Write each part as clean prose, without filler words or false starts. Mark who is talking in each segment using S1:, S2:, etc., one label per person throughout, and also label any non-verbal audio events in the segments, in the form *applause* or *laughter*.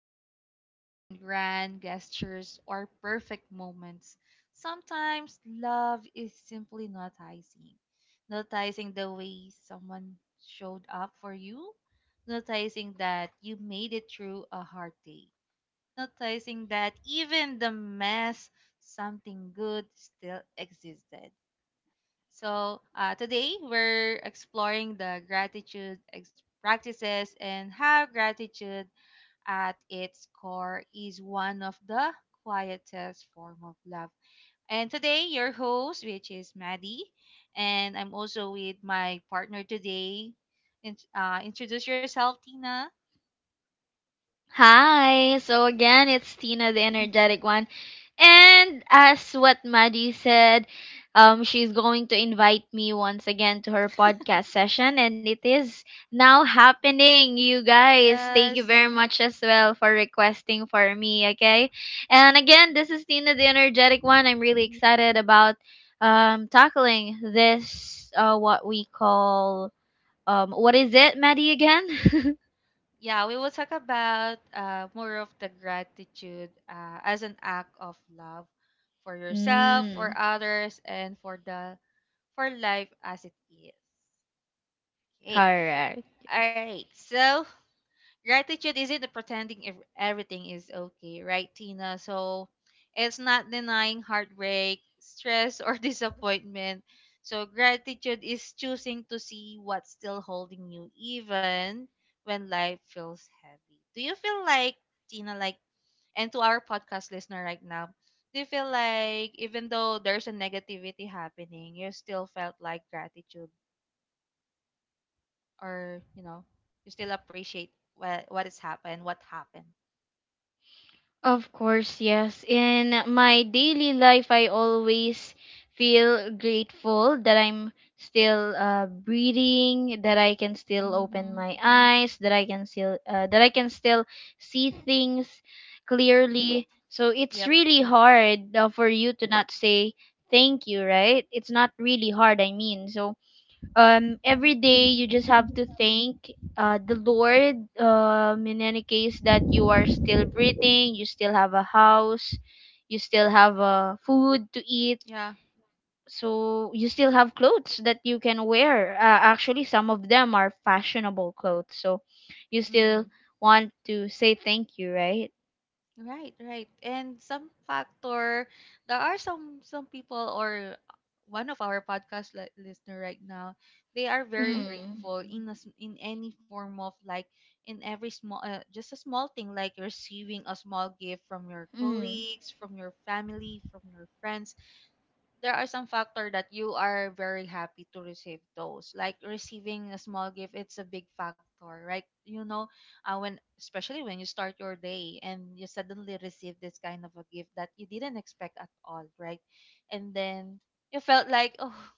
S1: love isn't grand gestures or perfect moments. Sometimes love is simply noticing. Noticing the way someone showed up for you. Noticing that you made it through a hard day. Noticing that even the mess, something good still existed. So today we're exploring the practices, and how gratitude at its core is one of the quietest form of love. And today your host, which is Maddie, and I'm also with my partner today. Introduce yourself, Tina.
S2: Hi. So again, it's Tina, the energetic one. And as what Maddie said, she's going to invite me once again to her podcast session, and it is now happening, you guys. Thank you
S1: Yes.
S2: very much as well for requesting for me, okay? And again, this is Tina, the energetic one. I'm really excited about tackling this, what we call, what is it, Maddie, again?
S1: Yeah, we will talk about more of the gratitude as an act of love for
S2: *laughs*
S1: yourself, for
S2: Mm.
S1: others, and for life as it is. Okay.
S2: Correct.
S1: All right. So gratitude isn't pretending everything is okay, right, Tina? So it's not denying heartbreak, stress, or *laughs* disappointment. So gratitude is choosing to see what's still holding you, even when life feels heavy. Do you feel like, Tina, like, and to our podcast listener right now, do you feel like even though there's a negativity happening, you still felt like gratitude or, you know, you still appreciate what has happened, what happened?
S2: Of course, yes. In my daily life, I always feel grateful that I'm still breathing, that I can still open
S1: Mhm.
S2: my eyes, that I can still see things clearly. So
S1: Yep.
S2: it's really hard for you to not say thank you, right? It's not really hard. I mean, so every day you just have to thank the lord in any case that you are still breathing, you still have a house, you still have food to eat,
S1: Yeah.
S2: so you still have clothes that you can wear. Actually, some of them are fashionable clothes, so you
S1: Mhm.
S2: still want to say thank you, right?
S1: Right, right. And some factor, there are some people, or one of our listener right now, they are very
S2: Mm.
S1: grateful in in any form of like in every small just a small thing, like receiving a small gift from your
S2: Mm.
S1: colleagues, from your family, from your friends. There are some factor that you are very happy to receive those, like receiving a small gift. It's a big factor, right? You know, when especially when you start your day and you suddenly receive this kind of a gift that you didn't expect at all, right? And then you felt like *laughs* oh,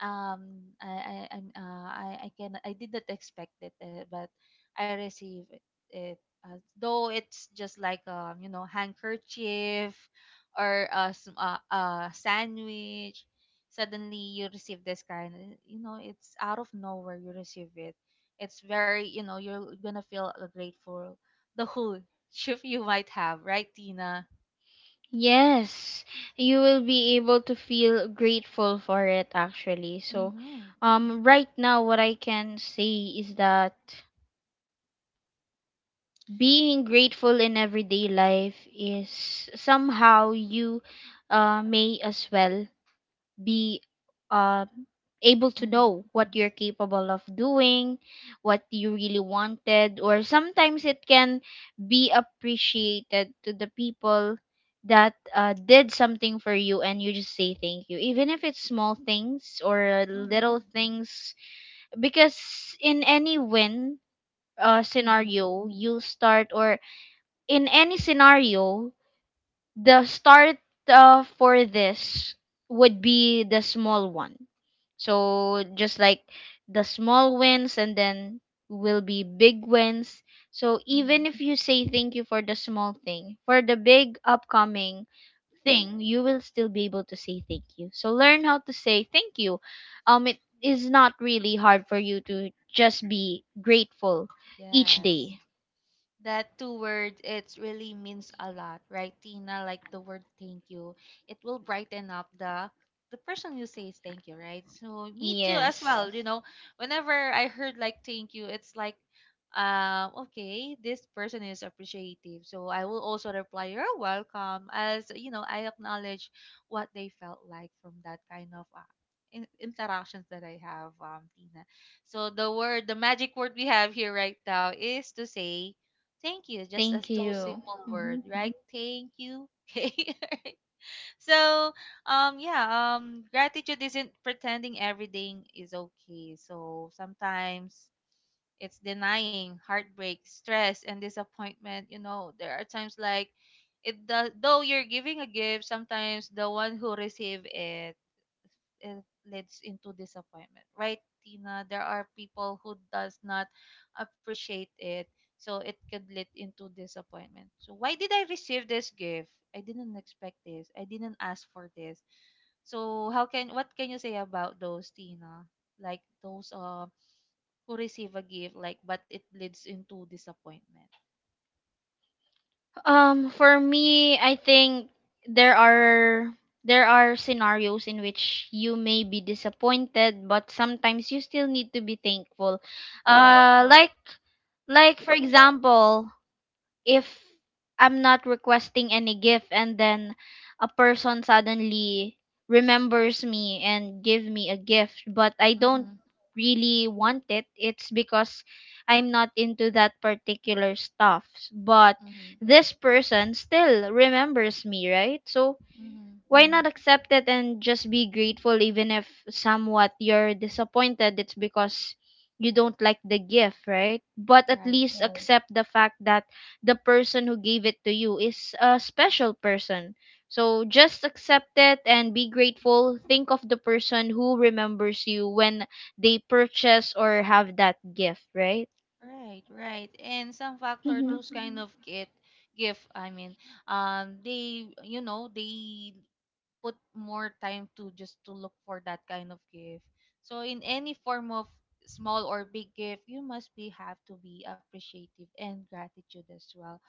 S1: I'm, I can I didn't expect it, but I received it. Though it's just like, you know, handkerchief or a sandwich, suddenly you receive this kind, you know, it's out of nowhere, you receive it. It's very, you know, you're gonna feel grateful the whole *laughs* shift you might have, right, Tina?
S2: Yes, you will be able to feel grateful for it actually. So,
S1: Mm-hmm.
S2: right now, what I can say is that being grateful in everyday life is somehow you may as well be um, able to
S1: Mm-hmm.
S2: know what you're capable of doing, what you really wanted, or sometimes it can be appreciated to the people that did something for you and you just say thank you even if it's small things or
S1: Mm-hmm.
S2: little things, because in any win
S1: Mm-hmm.
S2: scenario you start, or in any scenario the start for this would be the small one. So just like the small wins, and then will be big wins. So
S1: Mm-hmm.
S2: even if you say thank you for the small thing, for the big upcoming thing, you will still be able to say thank you. So learn how to say thank you. It is not really hard for you to just be grateful each
S1: Yes,
S2: day.
S1: that two words, it really means a lot, right, Tina? Like the word thank you, it will brighten up the person who says thank you, right? So me too as
S2: Yes.
S1: well, you Yes. know, whenever I heard like thank you, it's like, okay, this person is appreciative, so I will also reply you're welcome, as you know, I acknowledge what they felt like from that kind of interactions that I have, Tina. So the word, the magic word we have here right now is to say thank you, just as
S2: Thank
S1: those
S2: you.
S1: simple you. word,
S2: Mhm.
S1: right? Thank you. *laughs* Okay. So yeah, gratitude isn't pretending everything is okay. So sometimes it's denying heartbreak, stress, and disappointment. You know, there are times like it does. Though you're giving a gift, sometimes the one who receive it, it leads into disappointment, right, Tina? There are people who does not appreciate it, so it could lead into disappointment. So why did I receive this gift? I didn't expect this, I didn't ask for this. So how can, what can you say about those, Tina? Like those who receive a gift like but it leads into disappointment.
S2: For me, I think there are there are scenarios in which you may be disappointed, but sometimes you still need to be thankful.
S1: Yeah.
S2: Uh, like like for example, if I'm not requesting any gift and then a person suddenly remembers me and give me a gift, but I don't
S1: Mm-hmm.
S2: really want it. It's because I'm not into that particular stuff, but
S1: Mm-hmm.
S2: this person still remembers me, right? So
S1: Hmm.
S2: why not accept it and just be grateful, even if somewhat you're disappointed? It's because you don't like the gift, right? But at
S1: Right.
S2: least right, accept the fact that the person who gave it to you is a special person. So just accept it and be grateful. Think of the person who remembers you when they purchase or have that gift, right?
S1: Right, right. And some factor
S2: Mm-hmm.
S1: those
S2: Right.
S1: kind of kit gift, I mean, they, you know, they put more time to just to look for that kind of gift. So in any form of small or big gift, you must be have to be appreciative and gratitude as well,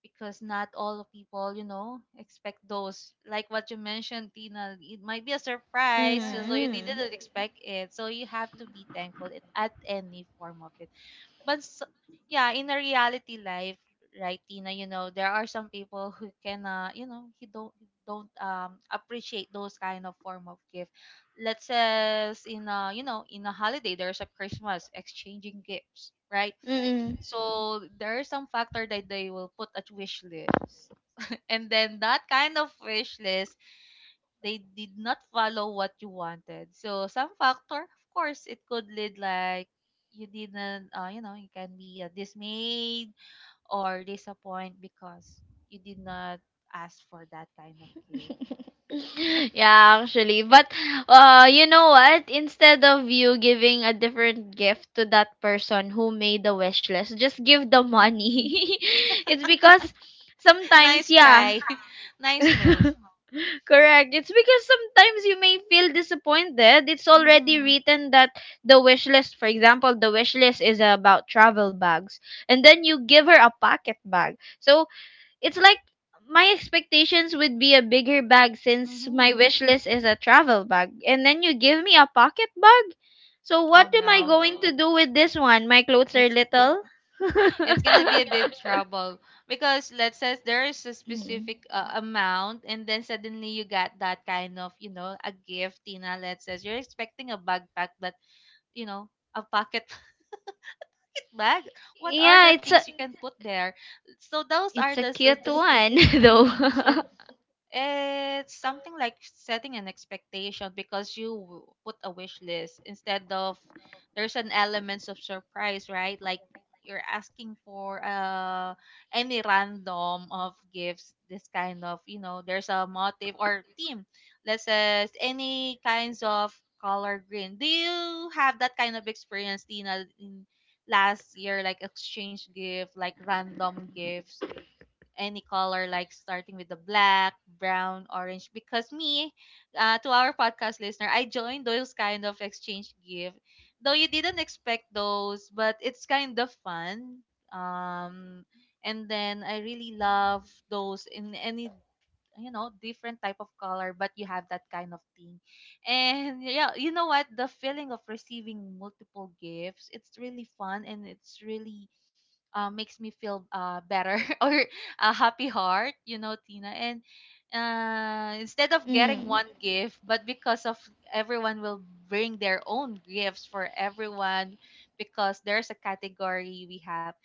S1: because not all of people, you know, expect those. Like what you mentioned, Tina, it might be a surprise, so you
S2: Mm-mm.
S1: didn't expect it. So you have to be thankful it, at any form of it. But s Yeah, in a reality life, right, Tina, you know, there are some people *laughs* who can, you know, he don't appreciate those kind of form of gift. Let's say in a, you know, in a holiday, there's a Christmas exchanging gifts, right? So there is some factor that they will put a wish list, and then that kind of wish list, they did not follow what you wanted. So some factor, of course, it could lead like you didn't, you know, you can be dismayed or disappointed because you did not ask for that kind of gift.
S2: *laughs* Yeah, actually. But you know what? Instead of you giving a different gift to that person who made the wish list, just give the
S1: Hmm. *laughs*
S2: money. *laughs* It's because sometimes,
S1: Nice
S2: yeah.
S1: try, *laughs* nice
S2: *laughs*
S1: move.
S2: Correct. It's because sometimes you may feel disappointed. It's already
S1: Mm-hmm.
S2: written that the wish list, for example, the wish list is about travel bags. And then you give her a pocket bag. So it's like, my expectations would be a bigger bag since my
S1: Mm-hmm.
S2: wish list is a travel bag. And then you give me a pocket bag? So what
S1: Oh
S2: am I
S1: no,
S2: going to do with this one? My clothes are
S1: it's
S2: little.
S1: it's gonna be a big trouble, because let's say there is a
S2: Mm.
S1: specific amount, and then suddenly you got that kind of, you know, a gift, Tina. Let's say you're expecting a backpack, but you know, a pocket *laughs* bag. What are
S2: Yeah,
S1: the things you can put there? So those
S2: it's
S1: are
S2: a cute one *laughs* though.
S1: mhm. So it's something like setting an expectation, because put a wish list instead of there's an elements of surprise, right? Like you're asking for any random of gifts. This kind of, you know, there's a motive or theme. Let's say any kinds of color green. Do you have that kind of experience, Tina, in last year, like exchange gift, like random gifts, any color, like starting with the black, brown, orange. Because me, to our podcast listener, I joined those kind of exchange gift. Though you didn't expect those, but it's kind of fun. And then I really love those in any, you know, different type of color, but you have that kind of thing. And yeah, you know what, the feeling of receiving multiple gifts, it's really fun and it's really makes me feel better *laughs* or a happy heart, you know, Tina. And instead of getting
S2: Mm.
S1: one gift, but because of everyone will bring their own gifts for everyone, because there's a category we have.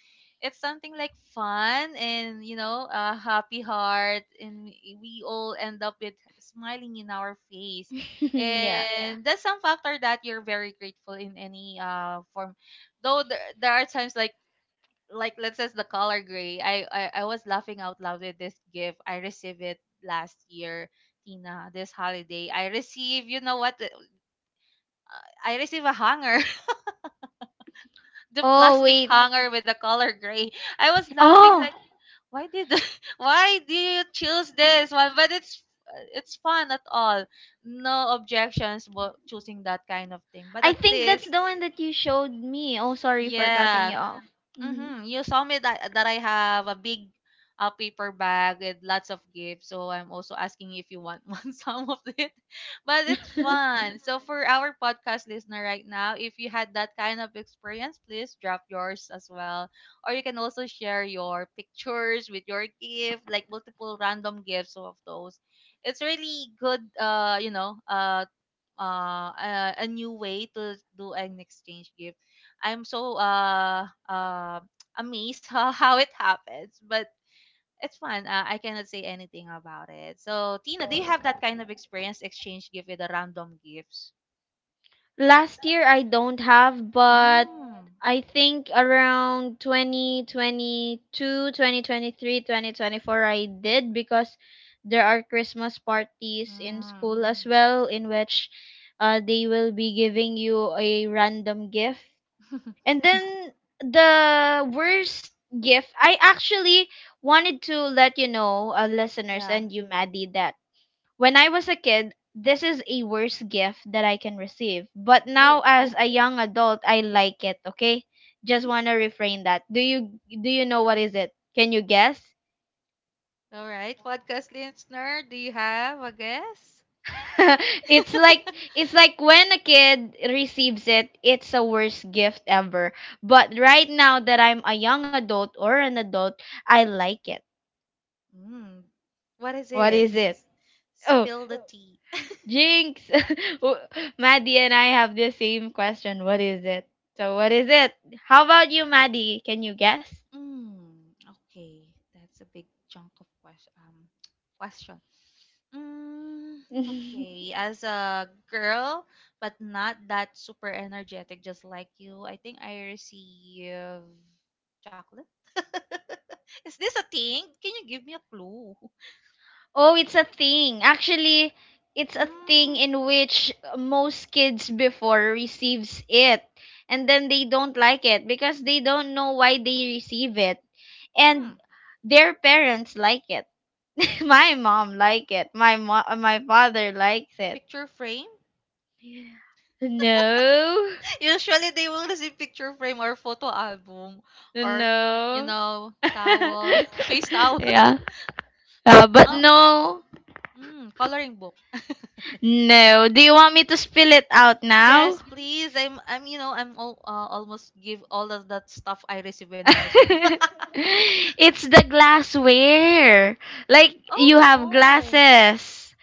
S1: It's something like fun and, you know, a happy heart, and we all end up with smiling in our face.
S2: *laughs*
S1: Yeah.
S2: Yeah.
S1: And that's some factor that you're very grateful in any form. Though there are times like let's say the color gray. I was laughing out loud with this gift. I received it last year, Tina. This holiday, I receive. You know what? I receive a hanger, *laughs* the
S2: Oh
S1: plastic
S2: wait.
S1: hanger with the color gray. I was laughing
S2: Oh,
S1: like, why did *laughs* why do you choose this one? But it's fun at all. No objections, but choosing that kind of thing. But
S2: I
S1: at
S2: think that's
S1: least
S2: the one that you showed me. Oh, sorry for cutting
S1: Yeah.
S2: you off. Mhm.
S1: mm-hmm, you saw me that I have a big paper bag with lots of gifts. So I'm also asking if you want *laughs* one some of it. But it's
S2: *laughs*
S1: fun. So for our podcast listener right now, if you had that kind of experience, please drop yours as well. Or you can also share your pictures with your gift, like multiple random gifts of those. It's really good, you know, a new way to do an exchange gift. I'm so *tsk* amazed *laughs* how it happens, but it's fun. I cannot say anything about it. So, Tina, do you have that kind of experience, exchange gift with the random gifts?
S2: Last year I don't have, but
S1: Mm.
S2: I think around 2022, 2023, 2024 I did, because there are Christmas parties in
S1: Mm.
S2: school as well in which they will be giving you a random gift. And then the worst gift, I actually wanted to let you know, listeners
S1: Yeah.
S2: and you, Maddie, that when I was a kid, this is a worst gift that I can receive. But now
S1: Oh.
S2: as a young adult, I like it, okay? Just want to refrain that. Do you know what is it? Can you guess?
S1: All right, podcast listener, do you have a guess?
S2: *laughs* It's like,
S1: *laughs*
S2: it's like when a kid receives it, it's a worst gift ever. But right now that I'm a young adult or an adult, I like it.
S1: Mm. What is
S2: What
S1: it?
S2: is it? Oh,
S1: Spill the tea.
S2: Jinx! *laughs* W- Maddie and I have the same question. What is it? So, what is it? How about you, Maddie? Can you guess?
S1: Mm, okay. That's a big chunk of question. *tsk* Question. Mm,
S2: *laughs* Oh,
S1: okay. As a girl, but not that super energetic, just like you, I think I receive chocolate. *laughs* Is this a thing? Can you give me a clue?
S2: it's a thing. Actually, it's a thing
S1: Mm,
S2: in which most kids before receives it, and then they don't like it because they don't know why they receive it,
S1: mm,
S2: and their parents like it. *laughs* My mom like it. My father likes it.
S1: picture frame?
S2: No.
S1: *laughs* Usually they will receive picture frame or photo album or, you
S2: No.
S1: know, towel, *laughs* face
S2: *laughs*
S1: towel. *laughs*
S2: Yeah. But
S1: Um,
S2: no.
S1: coloring book.
S2: No. Do you want me to spill it out
S1: Yes,
S2: now?
S1: please. I'm you know, I'm all, almost give all of that stuff I received when I
S2: *laughs*
S1: was young.
S2: It's the glassware. Like
S1: *laughs* Oh
S2: you have
S1: no.
S2: glasses.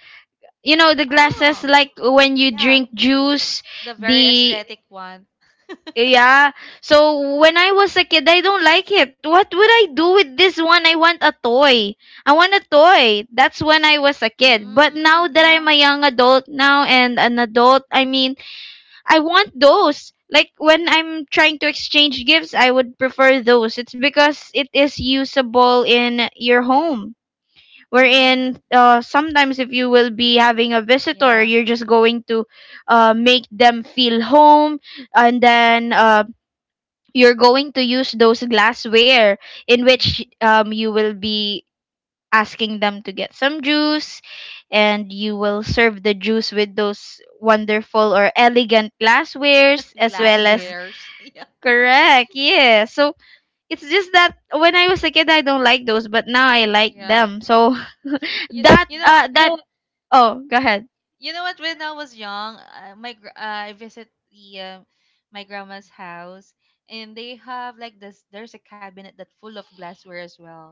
S2: You know the glasses,
S1: Oh.
S2: like when you
S1: Yeah.
S2: drink juice,
S1: The very
S2: the
S1: aesthetic one.
S2: yeah. So when I was a kid, I don't like it. What would I do with this one? I want a toy. I want a toy. That's when I was a kid. But now
S1: Mm,
S2: that I'm
S1: no.
S2: a young adult now and an adult, I mean, I want those. Like when I'm trying to exchange gifts, I would prefer those. It's because it is usable in your home.
S1: Mm.
S2: Wherein sometimes if you will be having a visitor,
S1: Yeah.
S2: you're just going to make them feel home, and then you're going to use those glassware, in which
S1: Mhm.
S2: you will be asking them to get some juice, and you will serve the juice with those wonderful or elegant glasswares
S1: *laughs*
S2: as well. Mm-hmm. As
S1: Glasswares. *laughs* Yeah.
S2: mm-hmm, correct, yeah. So it's just that when I was a kid, I don't like those, but now I like
S1: Yeah.
S2: them. So *laughs* that
S1: You know what?
S2: that no, oh, go ahead.
S1: You know what? When I was young, I visit the my grandma's house, and they have like this. There's a cabinet that's full of glassware as well.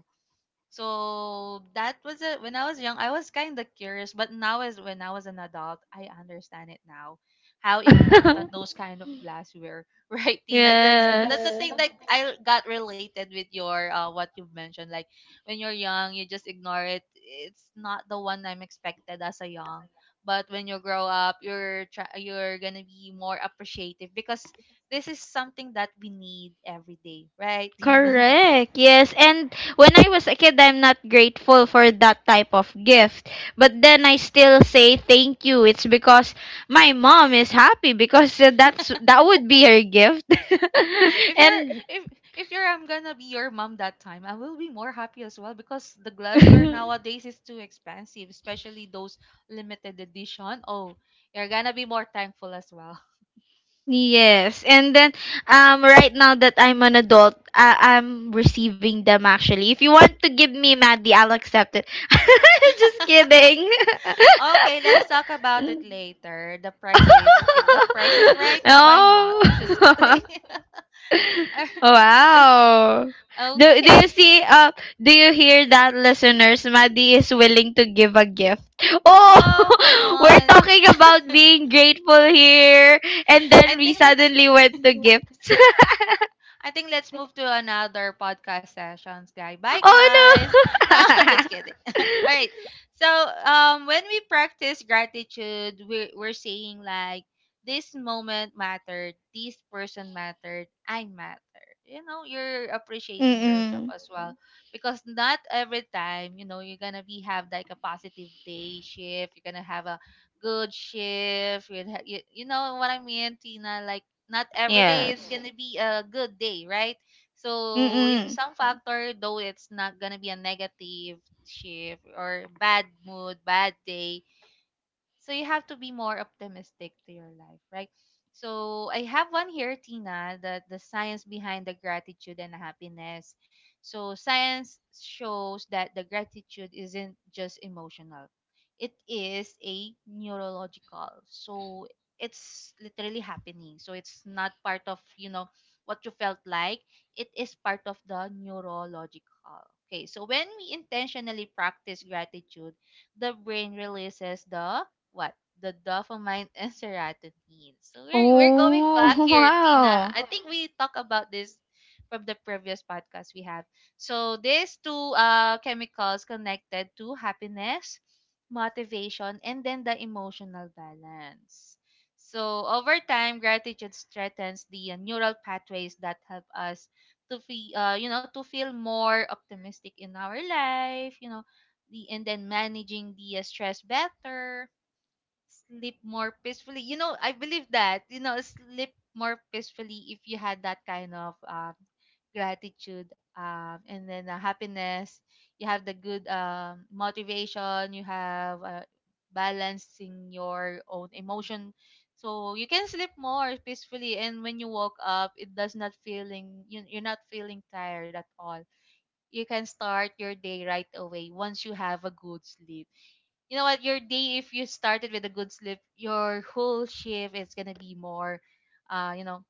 S1: So that was it. When I was young, I was kind of curious, but now as when I was an adult, I understand it now, how important
S2: *laughs*
S1: those kind of glassware, *laughs* right, Tina? That's the
S2: Yes.
S1: thing Yes. that I got related with your what you've mentioned. Like when you're young, you just ignore it. It's not the one I'm expected as a young. But when you grow up, you're gonna be more appreciative, because this is something that we need every day, right, Tina?
S2: Correct. Yes. And when I was a kid, I'm not grateful for that type of gift. But then I still say thank you. It's because my mom is happy because *laughs* that's
S1: *laughs*
S2: that would be her gift. *laughs*
S1: if you're
S2: And
S1: if if you're I'm gonna be your mom that time, I will be more happy as well because the glassware
S2: *laughs*
S1: nowadays is too expensive, especially those limited edition. Oh, you're gonna be more thankful as well.
S2: yes. And then right now that I'm an adult, I- I'm receiving them actually. If you want to give me, Maddie, I'll accept it. *laughs*
S1: *laughs*
S2: Just kidding.
S1: Okay, let's talk about it later. The price is if the price is right,
S2: *laughs*
S1: why not?
S2: Oh.
S1: Just kidding.
S2: *laughs*
S1: *laughs* If-
S2: Wow. Do, do
S1: okay.
S2: you see do you hear that, listeners? Maddie is willing to give a gift. Oh,
S1: Oh, come
S2: *laughs* we're
S1: on.
S2: talking about being grateful here, and
S1: I
S2: then we
S1: think let's
S2: suddenly went to gifts.
S1: I think let's move to
S2: *laughs*
S1: another podcast sessions, guy. Bye,
S2: Oh
S1: guys. No,
S2: no.
S1: *laughs* just kidding. *laughs* All right. So, when we practice gratitude, we're saying like, this moment mattered, this person mattered, I matter. You know, you're
S2: *laughs*
S1: appreciating yourself
S2: Mm-mm.
S1: as well because not every time, you're gonna be have like a positive day shift. You're gonna have a good shift. You know what I mean, Tina? Like not every day is
S2: Yes.
S1: gonna be a good day, right? So in
S2: Mm-mm.
S1: some factor, though it's not gonna be a negative shift or bad mood, bad day, so you have to be more optimistic to your life, right? So I have one here, Tina, that the science behind the gratitude and happiness. So science shows that the gratitude isn't just emotional. It is a neurological. So it's literally happening. So it's not part of, what you felt like. It is part of the neurological. Okay, so when we intentionally practice gratitude, the brain releases the. What? The dopamine *laughs* and serotonin. So we're going. Okay. Back
S2: Oh, *laughs*
S1: here, Tina.
S2: wow.
S1: I think we talk about this from the previous podcast we have. So these two chemicals connected to happiness, motivation, and then the emotional balance. So over time, gratitude strengthens the neural pathways that help us to feel, to feel more optimistic in our life. You know, the and then managing the stress, better sleep more peacefully. You know, I believe that, you know, sleep more peacefully if you had that kind of gratitude and then happiness. You have the good motivation, you have balancing your own emotion. So you can sleep more peacefully, and when you woke up, it does not feeling you're not feeling tired at all. You can start your day right away once you have a good sleep. You know what, your day, if you started with a good sleep, your whole shift is gonna be more, you know,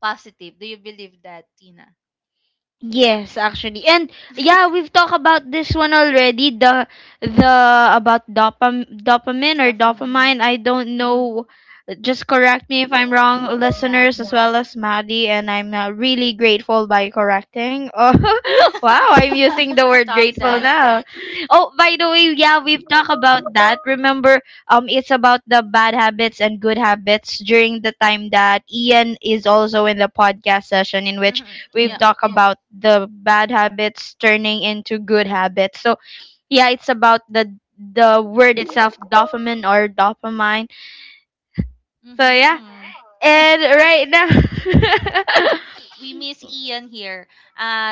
S1: positive. Do you believe that, Tina?
S2: Yes, actually. And yeah, we've
S1: *laughs*
S2: talked about this one already, the about dopamine or
S1: Dopamine.
S2: dopamine. I don't
S1: Mm-hmm.
S2: know. Just correct me if I'm wrong,
S1: Yeah.
S2: listeners, as well as Maddie, and I'm really grateful by correcting. *laughs* Oh, wow, I'm using
S1: *laughs*
S2: the word
S1: Stop
S2: grateful *laughs*
S1: that.
S2: now. Oh, by the way, yeah, we've talked about that. Remember, it's about the bad habits and good habits during the time that Ian is also in the podcast session, in
S1: *laughs*
S2: which
S1: Mm-hmm.
S2: we've
S1: Yeah.
S2: talked about the bad habits turning into good habits. So yeah, it's about the word itself, dopamine or dopamine. So yeah,
S1: Mm-hmm.
S2: and right now,
S1: We miss Ian here.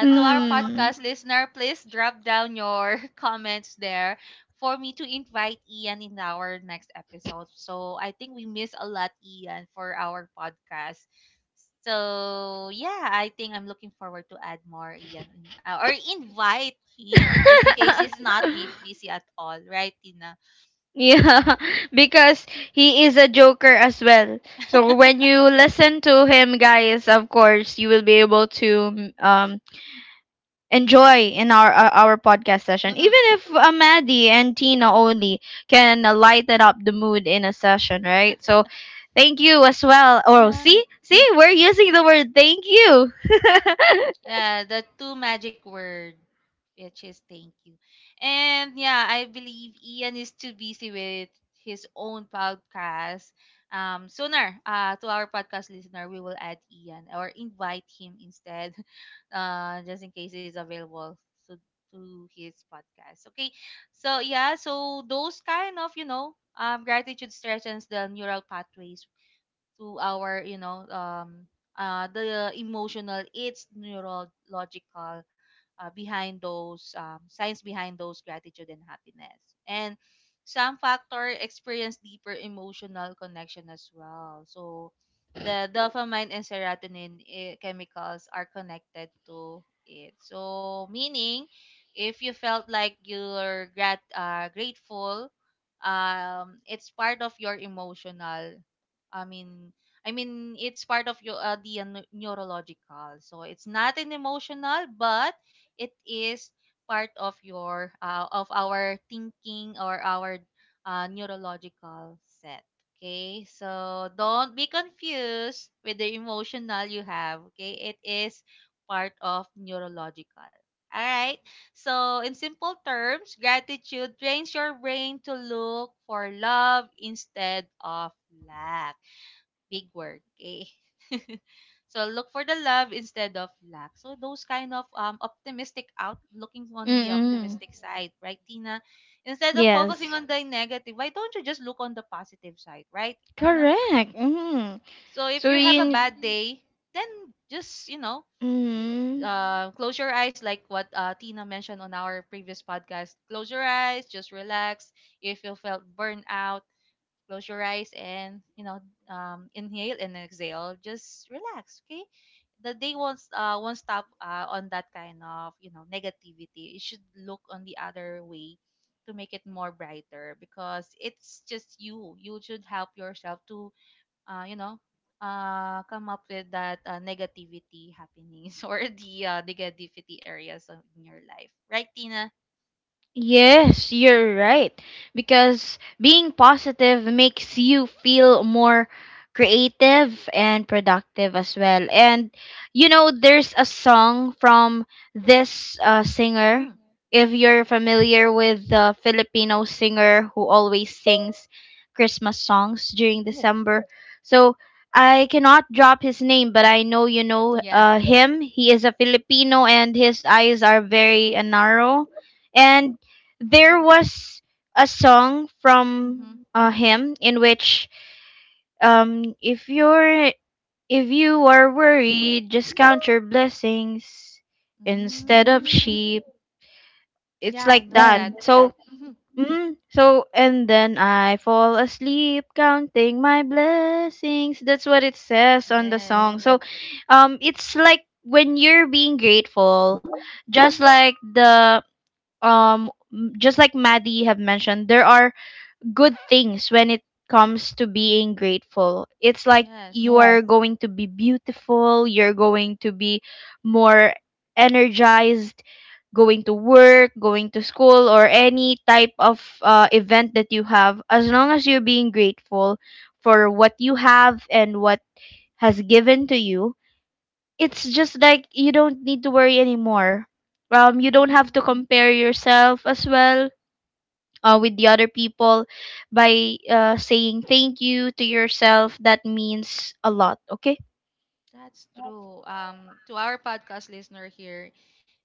S2: *laughs*
S1: To our
S2: hmm.
S1: podcast listener, please drop down your *laughs* comments there for me to invite Ian in our next episode. So I think we miss a lot Ian for our podcast. So yeah, I think I'm looking forward to add more Ian in, or invite him just in case he's
S2: *laughs*
S1: not *laughs* busy at all, right, Tina?
S2: Yeah, *laughs* because he is a joker as well. So when you listen to him, guys, of course, you will be able to enjoy in our podcast session.
S1: Mm-hmm.
S2: Even if Maddie and Tina only can lighten up the mood in a session, right? So thank you as well. Or see,
S1: Yeah.
S2: see, we're using the word thank you.
S1: Yeah, the two magic word, which is thank you. And yeah, I believe Ian is too busy with his own podcast. Sooner, to our podcast listener, we will add Ian or invite him instead, *laughs* just in case he's available to to his podcast. Okay, so yeah, so those kind of gratitude strengthens the neural pathways to our, the emotional, it's neurological, behind those science behind those gratitude and happiness, and some factor experience deeper emotional connection as well. So the dopamine and serotonin, chemicals are connected to it, so meaning if you felt like you're grateful, it's part of your emotional. I mean, it's part of your neurological. So it's not an emotional, but it is part of your of our thinking or our neurological set. Okay, so don't be confused with the emotional you have. Okay, it is part of neurological. All right. So, in simple terms, gratitude trains your brain to look for love instead of lack. Big work. Okay. So look for the love instead of lack. So those kind of optimistic, out looking
S2: *laughs*
S1: on the
S2: Mm-mm.
S1: optimistic side, right, Tina? Instead of focusing
S2: Yes.
S1: on the negative, why don't you just look on the positive side, right, Tina?
S2: Correct. Mm.
S1: So if
S2: So
S1: you have a
S2: you.
S1: bad day, then just, you know,
S2: Mm.
S1: close your eyes like what Tina mentioned on our previous podcast. Close your eyes, just relax. If you felt burnout, close your eyes and, you know, inhale and exhale. Just relax, okay? The day won't stop on that kind of, you know, negativity. It should look on the other way to make it more brighter because it's just you. You should help yourself to, you know, come up with that negativity happenings *laughs* or the negativity areas of, in your life, right, Tina?
S2: Yes, you're right. Because being positive makes you feel more creative and productive as well. And you know, there's a song from this singer.
S1: Mm.
S2: If you're familiar with the Filipino singer who always sings Christmas songs during
S1: Oh,
S2: December, so I cannot drop his name, but I know you know
S1: yeah.
S2: him. He is a Filipino, and his eyes are very narrow, and there was a song from
S1: Mm-hmm.
S2: him, in which if you're if you are worried, just count your blessings instead of
S1: Mm.
S2: sheep.
S1: Yeah,
S2: It's
S1: I
S2: like
S1: know
S2: that.
S1: that.
S2: Mm. So
S1: Mhm.
S2: mm, so and then I fall asleep counting my blessings. That's what it says on the
S1: Yes,
S2: song. So it's like when you're being grateful, just like the um, just like Maddie have mentioned, there are good things when it comes to being grateful. It's like
S1: yes.
S2: you are going to be beautiful, you're going to be more energized, going to work, going to school, or any type of event that you have, as long as you're being grateful for what you have and what has given to you, it's just like you don't need to worry anymore. You don't
S1: Hmm.
S2: have to compare yourself as well, with the other people by saying thank you to yourself. That means a lot, okay.
S1: That's true. To our podcast listener here,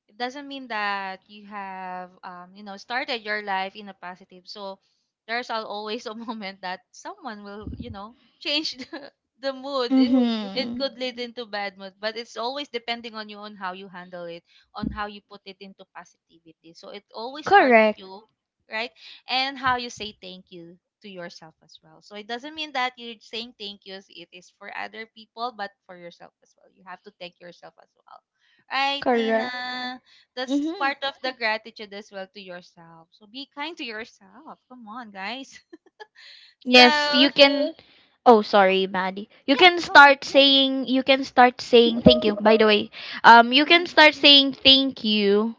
S1: it doesn't mean that you have you know, started your life in a positive. So there's always a *laughs* moment that someone will, you know, change *laughs* the mood. It
S2: Mm-hmm.
S1: could lead. Mm. Into bad mood, but it's always depending on you on how you handle it, on how you put it into positivity. So it always start with
S2: Correct.
S1: you, right? And how you say thank you to yourself as well. So it doesn't mean that you're saying thank yous it is for other people, but for yourself as well. You have to thank yourself as well. Right,
S2: Correct.
S1: Tina? That's
S2: Mm-hmm.
S1: part of the gratitude as well to yourself. So be kind to yourself. Come on, guys. *laughs*
S2: Yes, you
S1: So,
S2: can. Oh sorry Maddie,
S1: yeah, go ahead.
S2: you can start saying thank you, by the way. You can
S1: Mm-hmm.
S2: start saying thank you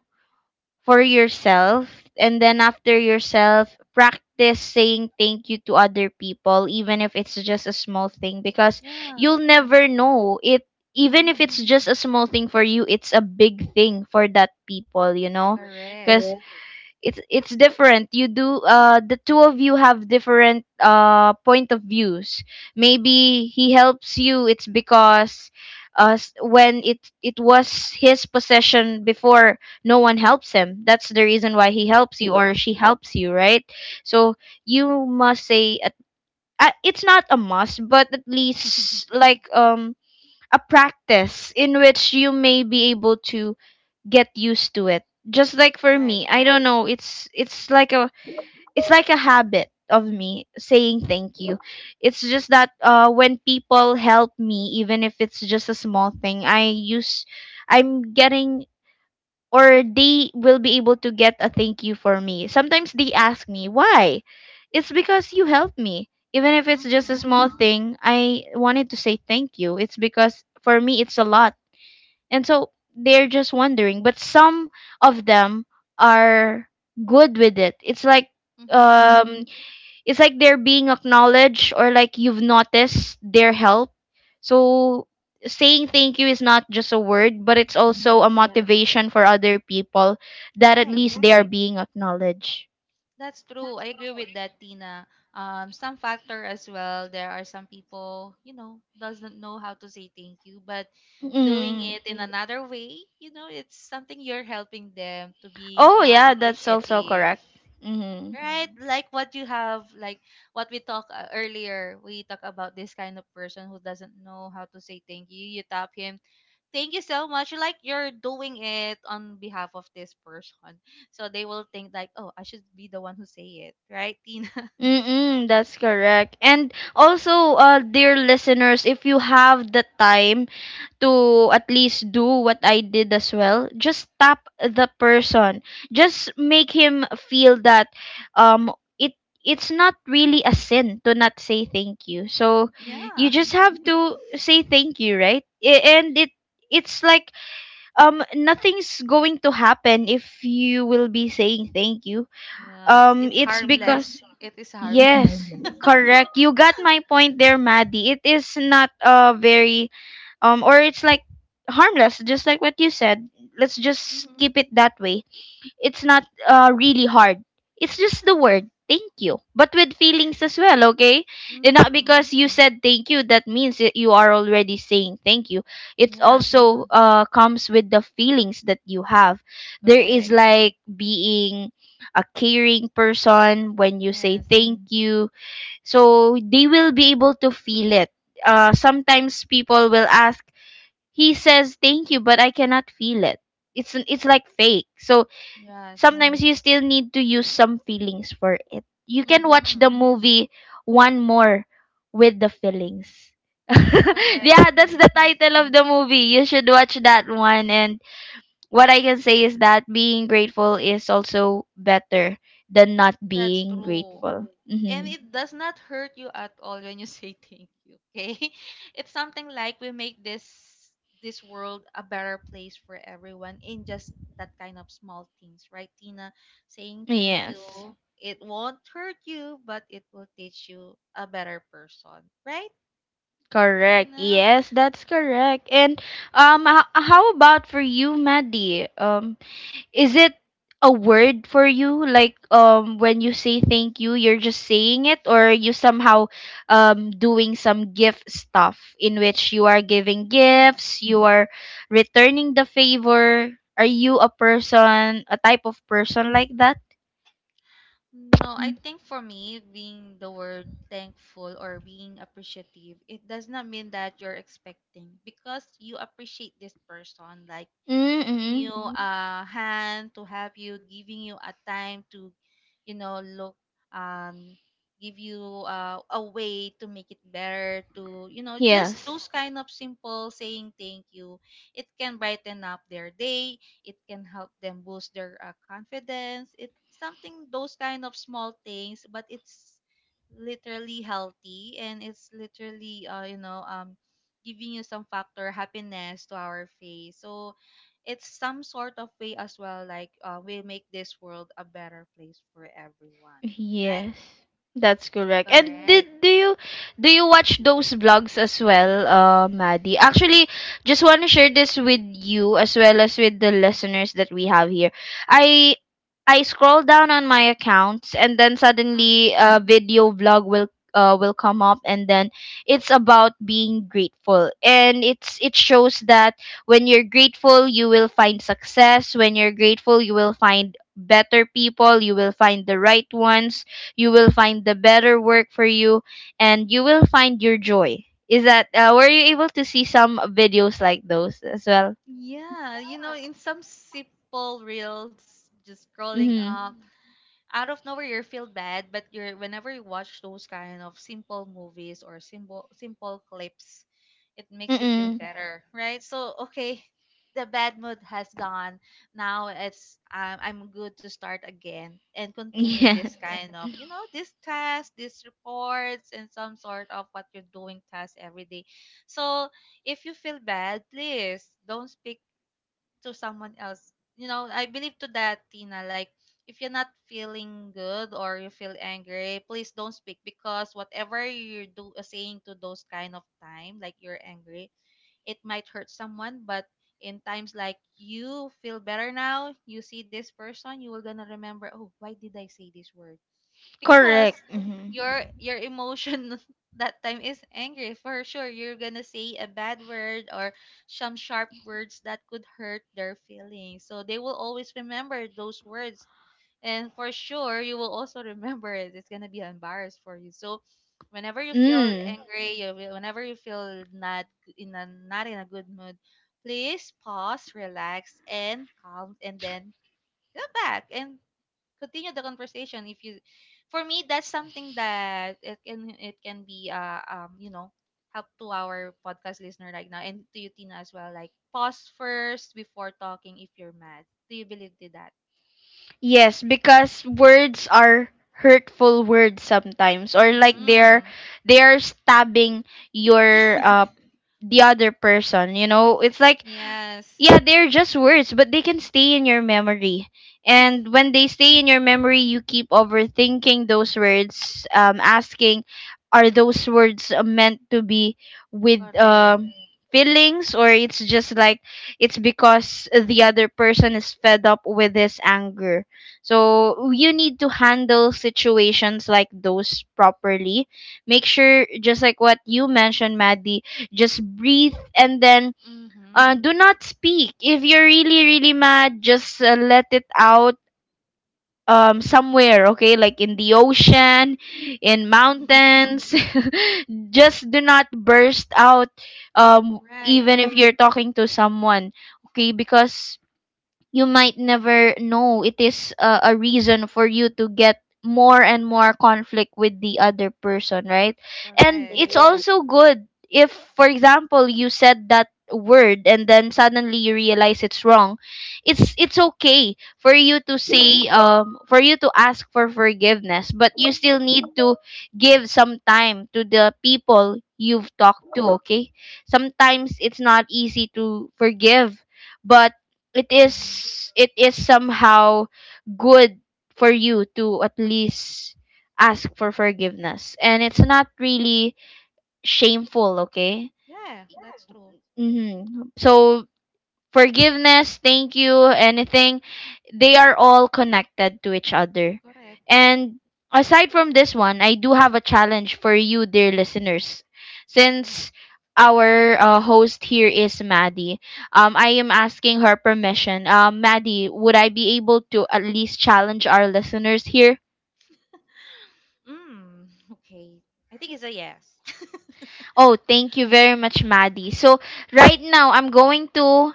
S2: for yourself, and then after yourself, practice saying thank you to other people, even if it's just a small thing, because
S1: Yeah.
S2: you'll never know it. Even if
S1: Mm-hmm.
S2: it's just a small thing for you, it's a big thing for that people, you know. Because
S1: Correct.
S2: it's different. You do, the two of you have different point of views. Maybe he helps you. It's because when it was his possession before, no one helps him. That's the reason why he helps you, or she helps you, right? So you must say at, it's not a must, but at least
S1: *laughs*
S2: like a practice in which you may be able to get used to it. Just like for me,
S1: Right.
S2: I don't know, it's like a, it's like a habit of me saying thank you. It's just that when people help me, even if it's just a small thing, I use I'm getting or they will be able to get a thank you for me. Sometimes they ask me, "Why?" It's because you helped me. Even if it's just a
S1: Mm-hmm.
S2: small thing, I wanted to say thank you. It's because for me it's a lot, and so they're just wondering. But some of them are good with it. It's like
S1: Mm-hmm.
S2: Mm-hmm. It's like they're being acknowledged, or like you've noticed their help. So saying thank you is not just a word, but it's also a, yeah,
S1: Yes.
S2: motivation for other people that at
S1: Right.
S2: least they are, right, being acknowledged.
S1: That's true. I agree with that, Tina. Some factor as well. There are some people, you know, doesn't know how to say thank you, but doing
S2: Mm.
S1: it in, mm, another way, you know, it's something you're helping them to be
S2: Oh yeah, that's also
S1: appreciative,
S2: correct. Mm.
S1: right? Mhm. Like what you have, like what we talked earlier. We talk about this kind of person who doesn't know how to say thank you. You tap him thank you so much, like you're doing it on behalf of this person, so they will think like, oh, I should be the one who say it, right, Tina? *laughs*
S2: Mm-mm, that's correct. And also, dear listeners, if you have the time to at least do what I did as well. Just tap the person. Just make him feel that um it it's not really a sin to not say thank you. So
S1: Mm.
S2: you
S1: Yeah.
S2: just have to say thank you, right? And it's like nothing's going to happen if you will be saying thank you.
S1: Yes, it's, yeah,
S2: It's
S1: harmless.
S2: because
S1: It is harmless.
S2: yes, correct. You got my point there, Maddie. It is not a very or it's like harmless, just like what you said. Let's just
S1: Mm-hmm.
S2: keep it that way. It's not really hard. It's just the word thank you, but with feelings as well, okay?
S1: *laughs*
S2: And not
S1: Mm-hmm.
S2: because you said thank you that means that you are already saying thank you. It
S1: Yeah.
S2: also comes with the feelings that you have. There is
S1: Correct.
S2: like being a caring person when you say
S1: Yes.
S2: thank you, so they will be able to feel it. Sometimes people will ask, he says thank you but I cannot feel it. It's like fake. So
S1: Yes.
S2: sometimes you still need to use some feelings for it. You can watch
S1: Mm-hmm.
S2: the movie One More with the feelings. *laughs*
S1: Correct.
S2: yeah,
S1: Yeah.
S2: that's the title of the movie. You should watch that one. And what I can say is that being grateful is also better than not
S1: That's
S2: being
S1: true.
S2: grateful.
S1: And
S2: Hmm.
S1: it does not hurt you at all when you *laughs* say thank you, okay? *laughs* It's something like we make this world a better place for everyone in just that kind of small things, right, Tina? Saying thank
S2: Yes.
S1: you, it won't hurt you, but it will teach you a better person, right,
S2: Correct.
S1: Tina?
S2: Yes, that's correct. And how about for you, Maddie? Is it a word for you? Like when you say thank you, you're just saying it, or you somehow doing some gift stuff in which you are giving
S1: Mm.
S2: gifts, you are returning the favor. Are you a person, a type of person like that?
S1: No, I think for me, being the word thankful or being appreciative, it does not mean that you're expecting because you appreciate this person, like giving
S2: Mm-mm.
S1: you a hand to help you, giving you a time to, you know, look, um, give you a way to make it better, to, you know, just
S2: Yes.
S1: those kind of simple saying thank you. It can brighten up their day, it can help them boost their confidence. It's something those kind of small things, but it's literally healthy, and it's literally, you know, giving you some factor happiness to our face. So it's some sort of way as well, like, we make this world a better place for everyone, right?
S2: Yes, that's correct. And
S1: Correct.
S2: did do you watch those vlogs as well, Maddie? Actually, just want to share this with you as well as with the listeners that we have here. I I scroll down on my accounts and then
S1: Mm.
S2: suddenly a video vlog will, will come up, and then it's about being grateful, and it shows that when you're grateful you will find success, when you're grateful you will find better people, you will find the right ones, you will find the better work for you, and you will find your joy. Is that, were you able to see some videos like those as well?
S1: Yeah, you know, in some simple reels, just scrolling
S2: Mm-hmm.
S1: up out of nowhere you feel bad, but you're, whenever you watch those kind of simple movies or simple simple clips, it makes you feel, yeah,
S2: Mm-mm.
S1: better, right? So okay, the bad mood has gone, now it's, I'm good to start again and continue
S2: Yeah.
S1: this
S2: *laughs*
S1: kind of, you know, this test, these reports and some sort of what you're doing test every day. So if you feel bad, please don't speak to someone else. You know, I believe to that, Tina. Like, if you're not feeling good or you feel angry, please don't speak, because whatever you do saying to those kind of time, like you're angry, it might hurt someone. But in times like you feel better now, you see this person, you will gonna remember, oh, why did I say this word? Because
S2: Correct. Mm-hmm.
S1: your emotion *laughs* that time is angry, for sure you're gonna say a bad word or some sharp words that could hurt their feelings, so they will always remember those words. And for sure you will also remember it. It's gonna be embarrassed for you. So whenever you feel
S2: Mm.
S1: angry you whenever you feel not g- in a not in a good mood, please pause, relax and calm, and then go back and continue the conversation. If you For me, that's something that it can be help to our podcast listener right now, and to you, Tina, as well. Like, pause first before talking if you're mad. Do you believe to that?
S2: Yes, because words are hurtful words sometimes, or like they're,
S1: Mm.
S2: they are stabbing your, uh,
S1: *laughs*
S2: the other person, you know? It's like
S1: Yes.
S2: yeah, they're just words, but they can stay in your memory. And when
S1: *laughs*
S2: they stay in your memory, you keep overthinking those words, asking, are those words, meant to be with,
S1: Correct.
S2: feelings, or it's just like it's because the other person is fed up with his anger? So you need to handle situations like those properly. Make sure, just like what you mentioned, Maddie, just breathe, and then
S1: Mhm.
S2: do not speak. If you're really, really mad, just let it out somewhere, okay? Like in the ocean, in mountains. *laughs* just do not burst out,
S1: *laughs* Right.
S2: even if you're talking to someone, okay? Because you might never know, it is a reason for you to get more and more conflict with the other person, right? And it's
S1: Correct.
S2: also good if, for example, you said that word and then suddenly you realize it's wrong. It's okay for you to say, for you to ask for forgiveness, but you still need to give some time to the people you've talked to, okay? Sometimes it's not easy to forgive, but it
S1: Mhm.
S2: is it is somehow good for you to at least ask for forgiveness, and it's not really shameful, okay?
S1: Yeah, that's true.
S2: Mm-hmm. So forgiveness, thank you, anything, they are all connected to each other.
S1: Correct.
S2: And aside from this one, I do have a challenge for you, dear listeners.
S1: Mm.
S2: Since our, host here is Maddie, I am asking her permission. Maddie, would I be able to at least challenge our listeners here?
S1: Mm. *laughs* Okay, I think it's a yes. *laughs*
S2: Oh, thank you very much, Maddie. So, right now, I'm going to,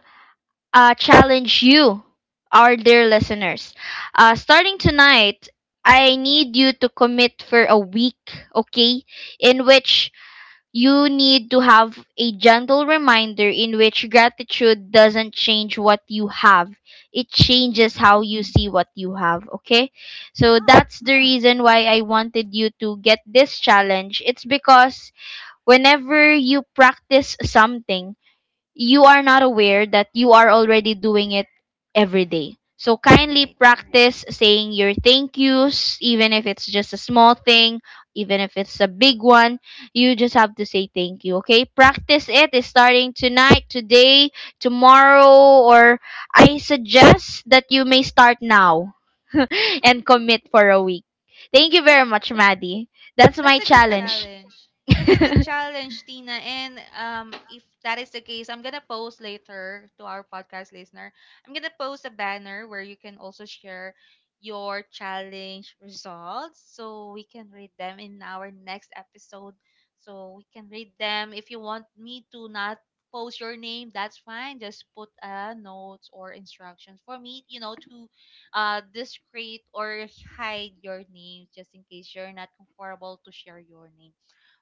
S2: challenge you, our dear listeners. Starting tonight, I need you to commit for a week, okay? In which you need to have a gentle reminder in which gratitude doesn't change what you have, it changes
S1: Mm.
S2: how you see what you have, okay? So
S1: Oh.
S2: that's the reason why I wanted you to get this challenge. It's because whenever you practice something, you are not aware that you are already doing it every day. So kindly
S1: Right.
S2: practice saying your thank yous, even if it's just a small thing, even if it's a big one. You just have to say thank you, okay? Practice it. It is starting tonight, today, tomorrow, or I suggest that you may start now *laughs* and
S1: *laughs*
S2: commit for a week. Thank you very
S1: That's
S2: much, Maddie. That's
S1: that's
S2: my
S1: a good
S2: challenge.
S1: challenge. That's a
S2: *laughs*
S1: good challenge, Tina. And if that is the case, I'm gonna post later to our podcast listener. I'm gonna post a banner where you can also share your challenge results, so we can read them in our next episode. So we can read them. If you want me to not post your name, that's fine. Just put a notes or instructions for me, you know, to discreet or hide your name just in case you're not comfortable to share your name.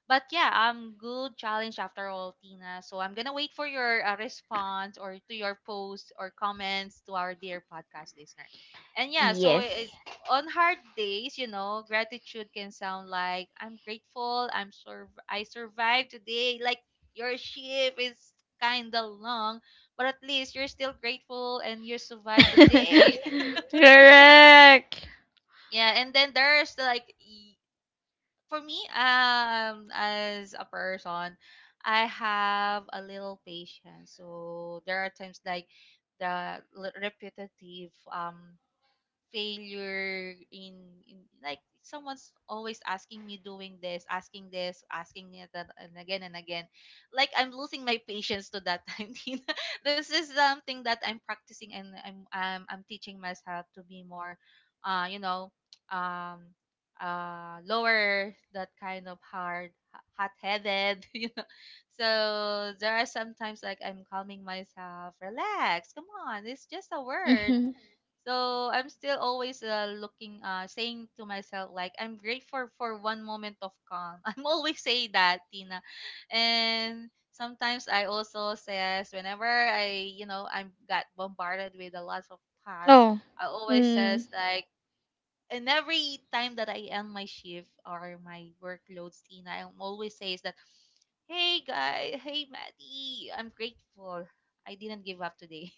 S1: But yeah, good challenge after all, Tina. So I'm gonna wait for your response, or to your post or comments to our dear podcast listener. And yeah, so it,
S2: yes.
S1: on hard days, you know, gratitude can sound like I'm grateful, I survived today. Like, your shift is kind of long, but at least you're still grateful and you survived the day. *laughs*
S2: *laughs* Correct.
S1: Yeah, and then there's for me, as a person, I have a little patience. So there are times like the repetitive failure in like someone's always asking me, doing this, asking this, asking me that, and again and again, like I'm losing my patience to that time. *laughs* Tina, this is something that I'm practicing, and I'm teaching myself to be more uh you know um lower that kind of hard, hot headed. *laughs* You know, so there are sometimes like I'm calming myself, relax, come on, it's just a word.
S2: Hmm.
S1: So I'm still always looking, saying to myself like I'm grateful for one moment of calm. *laughs* I'm always say that, Tina, and sometimes I also says whenever I, you know, I'm got bombarded with a lot of tasks,
S2: Oh.
S1: I always
S2: Mm.
S1: says like, and every time that I end my shift or my workloads, Tina, I always says that, hey guy, hey Maddie, I'm grateful. I didn't give up today.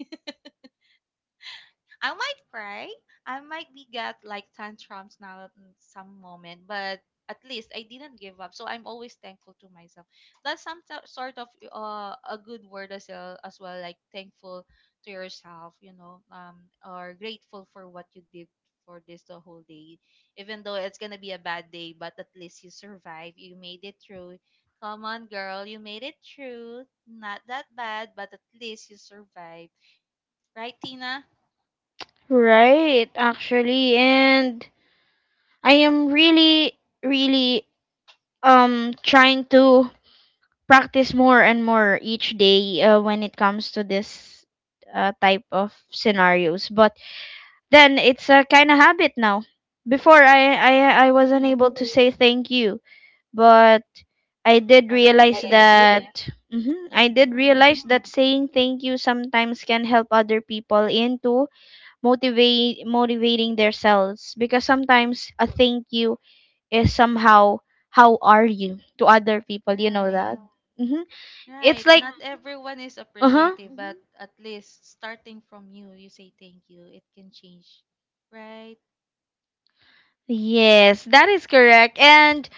S1: I might cry. I might be got like tantrums now at some moment, but at least I didn't give up. So I'm always thankful to myself. That's some sort of a good word as well, like thankful to yourself, you know, or grateful for what you did for this the whole day. Even though it's gonna be a bad day, but at least you survive. You made it through. Come on, girl, you made it through. Not that bad, but at least you survived, right, Tina?
S2: Right, actually. And I am really, really trying to practice more and more each day, when it comes to this, type of scenarios. But then it's a kind of habit now. Before I wasn't
S1: Mm-hmm.
S2: able to say thank you, but I did
S1: But at
S2: realize
S1: least,
S2: that, mhm, I did
S1: mm-hmm.
S2: realize that saying thank you sometimes can help other people into motivate motivating themselves, because sometimes a thank you is somehow how are you to other people, you know
S1: Right.
S2: that. Hmm. It's
S1: Right.
S2: like,
S1: Not everyone is
S2: uh-huh.
S1: appreciative, but at least starting from you, you say thank you. It can change. Right?
S2: Yes, that is correct. And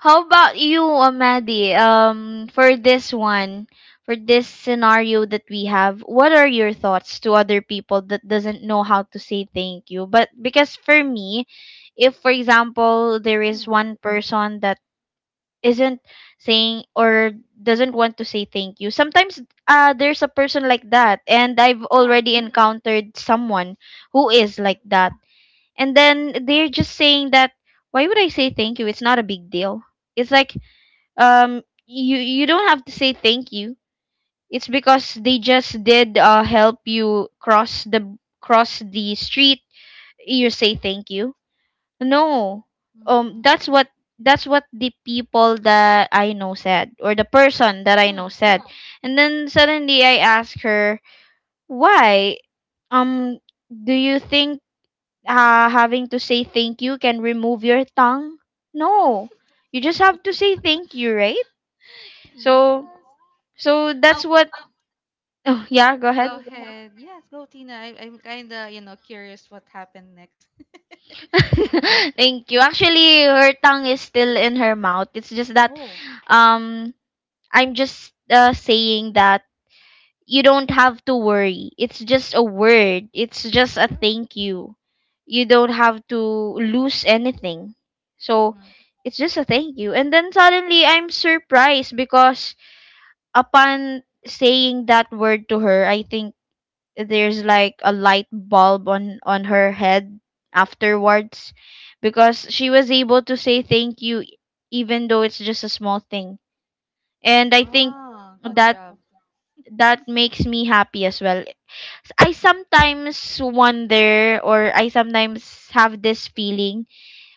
S2: how about you, Amadi? For this one, for this
S1: Mm.
S2: scenario that we have, what are your thoughts to other people that doesn't know how to say thank you? But because for me, if for example there is
S1: Mm.
S2: one person that isn't saying or doesn't want to say thank you, sometimes there's a person like that, and I've
S1: Yeah.
S2: already encountered someone who is like that, and then they're just saying that, why would I say thank you, it's not a big deal. It's like you, you don't have to say thank you. It's because they just did, uh, help you cross the, cross the street. You say thank you? No.
S1: Mm-mm.
S2: That's what, that's what the people that I know said, or the person that I know
S1: Mm.
S2: said. Yeah. And then suddenly I asked her, why, um do you think, having to say thank you can remove your tongue. No, you just have to say thank you, right? So,
S1: Yes.
S2: so that's
S1: Oh,
S2: what. Oh, yeah, go
S1: go
S2: ahead.
S1: ahead. Yes, go Tina. I'm kind of, you know, curious what happened next.
S2: *laughs* thank you. Actually, her tongue is still in her mouth. It's just
S1: *laughs*
S2: that,
S1: Oh.
S2: um, I'm just saying that you don't have to worry. It's just a word. It's just a thank you. You don't have to lose anything. So
S1: Mm-hmm.
S2: it's just a thank you. And then suddenly I'm surprised because upon saying that word to her, I think there's like a light bulb on her head afterwards, because she was able to say thank you, even though it's just a small thing. And I think
S1: Wow, good
S2: that
S1: job.
S2: that makes me happy as well. I sometimes wonder, or I sometimes have this feeling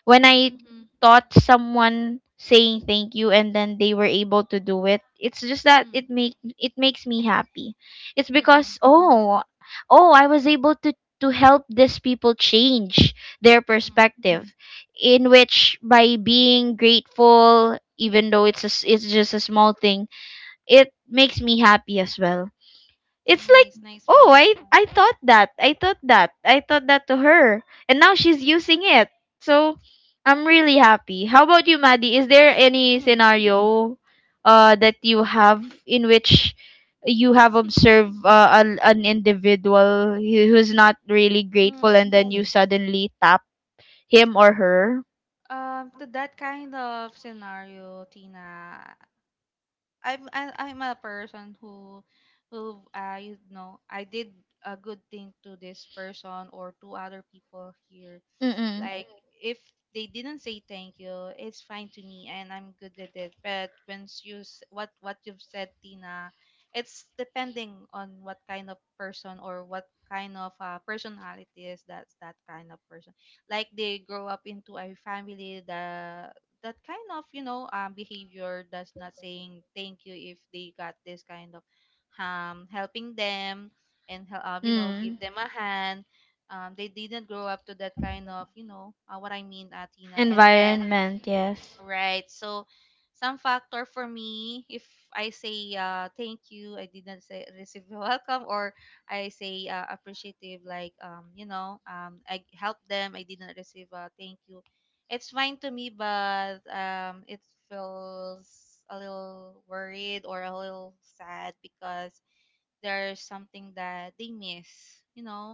S2: when I
S1: Mm-hmm.
S2: thought someone saying thank you and then they were able to do it. It's just that
S1: Mm.
S2: it makes me happy. It's
S1: Mm-mm.
S2: because, oh, oh, I was able to help these people change their
S1: Mm-hmm.
S2: perspective, in which by being grateful even though it's just a small thing, it makes me happy as well. It's like,
S1: Nice, nice
S2: oh,
S1: one.
S2: I thought that. I thought that. I thought that to her. And now she's using it. So I'm really happy. How about you, Maddie? Is there any
S1: Mm.
S2: scenario that you have in which you have observed
S1: *laughs*
S2: an individual who's not really grateful
S1: Mm.
S2: and then you suddenly tap him or her?
S1: To that kind of scenario, Tina, I'm a person who you know, I did a good thing to this person or to other people here,
S2: Mm-mm.
S1: like. Mm. If they didn't say thank you, it's fine to me and I'm good with it. But once you what you've said, Tina, it's depending on what kind of person or what kind of personality is that that kind of person. Like they grow up into a family that kind of, you know, behavior, does not saying thank you. If they got this kind of helping them and you know,
S2: Mm.
S1: give them a hand, they didn't grow up to that kind of, you know, what I mean, atina. And then,
S2: Environment, yes.
S1: right, so some factor for me, if I say, thank you, I didn't say receive *laughs* welcome, or I say appreciative, like, you know, I helped them, I didn't receive thank you. It's fine to me, but it feels a little worried or a little sad because there's something that they miss, you know.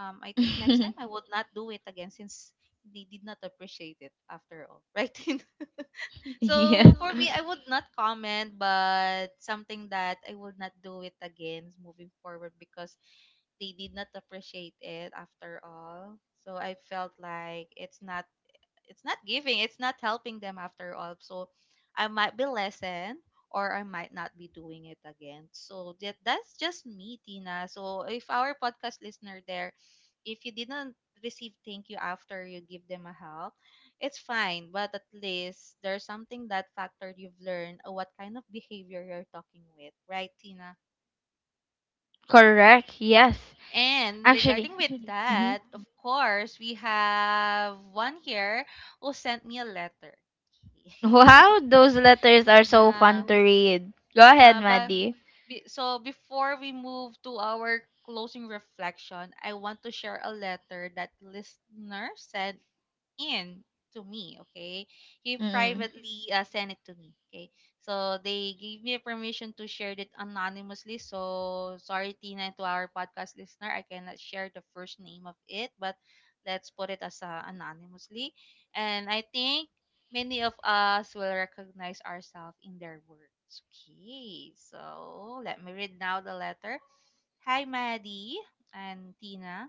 S1: I think next time
S2: *laughs*
S1: I would not do it again, since they did not appreciate it after all. *laughs* Right. *laughs*
S2: yeah.
S1: So for me I would not comment, but something that I would not do it again moving forward, because they did not appreciate it after all. So I felt like it's not giving, it's not helping them after all. So I might be lessened, or I might not be doing it again. So that that's just me, Tina. So if our podcast listener there, if you didn't receive thank you after you give them a help, it's fine, but at least there's something that factor you've learned, what kind of behavior you're talking with, right, Tina?
S2: Correct. Yes.
S1: And
S2: Actually.
S1: regarding with *laughs*
S2: Mm-hmm.
S1: that, of course we have one here who sent me a letter. *laughs*
S2: Wow, those letters are so
S1: Yeah.
S2: fun to read. Go ahead,
S1: But,
S2: Maddie.
S1: so before we move to our closing reflection, I want to share a letter that listener sent in to me. Okay, he
S2: Mm-mm.
S1: privately sent it to me. Okay, so they gave me permission to share it anonymously. So sorry, Tina, to our podcast listener, I cannot share the first name of it, but let's put it as anonymously. And I think many of us will recognize ourselves in their words. Okay, so let me read now the letter. Hi, Maddie and Tina.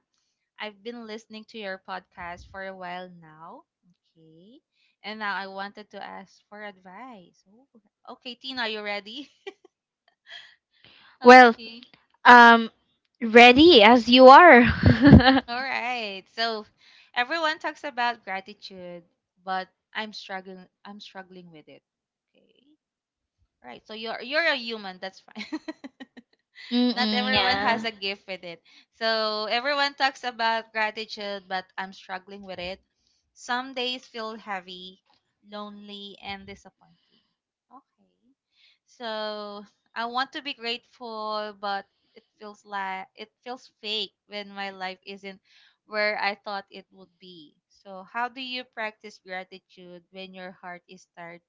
S1: I've been listening to your podcast for a while now. Okay. And now I wanted to ask for advice. Ooh. Okay, Tina, are you ready? *laughs*
S2: Well,
S1: Okay.
S2: um, ready as you are. *laughs*
S1: All right. So everyone talks about gratitude, but I'm struggling with it. Okay. All right. So you're a human, that's fine. *laughs* Not
S2: Mm-mm,
S1: everyone has
S2: yeah.
S1: a gift with it. So everyone talks about gratitude, but I'm struggling with it. Some days feel heavy, lonely, and disappointing. Okay. So I want to be grateful, but it feels fake when my life isn't where I thought it would be. So how do you practice gratitude when your heart is tired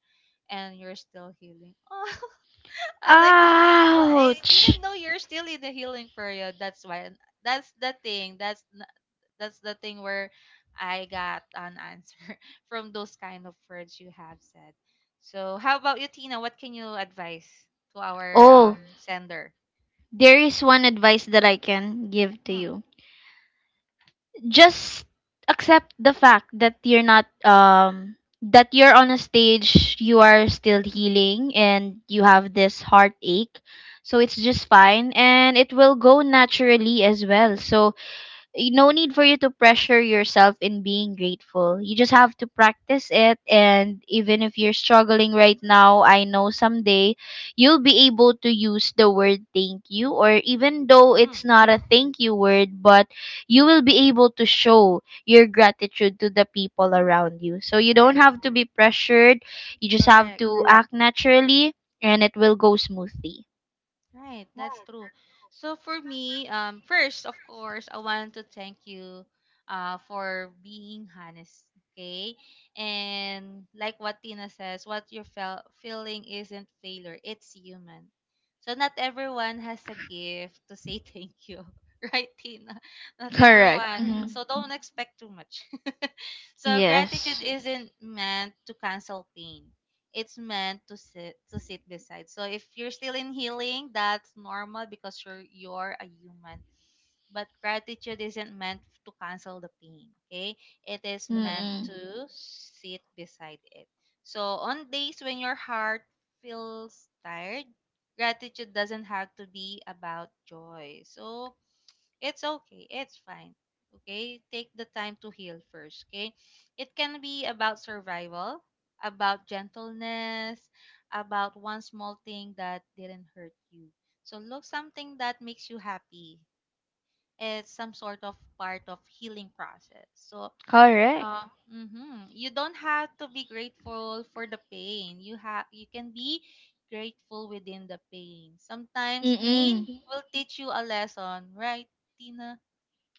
S1: and you're still healing? *laughs* I like the, *laughs* oh, I
S2: Ouch.
S1: didn't know you're still in the healing period. That's why. That's the thing. That's the thing where I got an answer *laughs* from those kind of words you have said. So, how about you, Tina? What can you advise to our
S2: Oh,
S1: sender?
S2: there is one advice that I can give to
S1: Mm.
S2: you. Just accept the fact that you're not that you're on a stage, you are still healing and you have this heartache. So it's just fine and it will go naturally as well. So no need for you to pressure yourself in being grateful. You just have to practice it. And even if you're struggling right now, I know someday you'll be able to use the word thank you, or even though
S1: Mm.
S2: it's not a thank you word, but you will be able to show your gratitude to the people around you. So you don't
S1: Right.
S2: have to be pressured, you just have
S1: Correct.
S2: to, correct, act naturally, and it will go smoothly.
S1: Right, that's true. So for me, first, of course, I want to thank you for being honest, okay? And like what Tina says, what you're feeling isn't failure, it's human. So not everyone has a gift to say *laughs* thank you, right, Tina? Not
S2: Correct.
S1: everyone.
S2: Mhm.
S1: Correct.
S2: Hmm.
S1: So don't expect too much. So gratitude
S2: Yes.
S1: isn't meant to cancel pain. It's meant to sit beside. So if you're still in healing, that's normal because you're a human. But gratitude isn't meant to cancel the pain. Okay? It is meant
S2: Mm-mm.
S1: to sit beside it. So on days when your heart feels tired, gratitude doesn't have to be about joy. So it's okay. It's fine. Okay? Take the time to heal first, okay? It can be about survival, about gentleness, about one small thing that didn't hurt you. So look something that makes you happy. It's some sort of part of healing process. So
S2: Correct.
S1: mhm, you don't have to be grateful for the pain. You can be grateful within the pain. Sometimes pain
S2: Mm-mm.
S1: will teach you a lesson, right, Tina?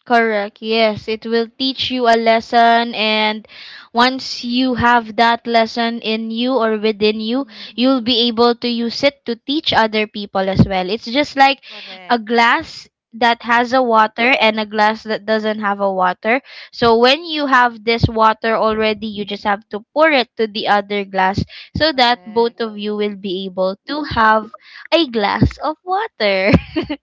S2: Correct. Yes, it will teach you a lesson, and once you have that lesson in you or within you, you'll
S1: Mm-hmm.
S2: be able to use it to teach other people as well. It's just like a
S1: Correct.
S2: glass that has a water and a glass that doesn't have a water. So when you have this water already, you just have to pour it to the other glass so that both
S1: Correct.
S2: of you will be able to have a glass of water.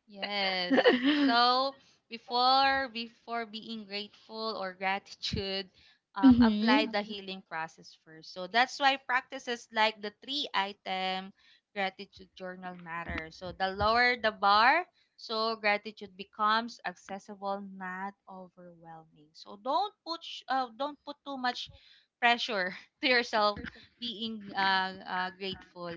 S1: Yes.
S2: *laughs*
S1: So before being grateful or gratitude, apply
S2: mhm.
S1: the healing process first. So that's why practices like the three item gratitude journal matter. So the lower the bar, so gratitude becomes accessible, not overwhelming. So don't put don't put too much pressure *laughs* to yourself being grateful,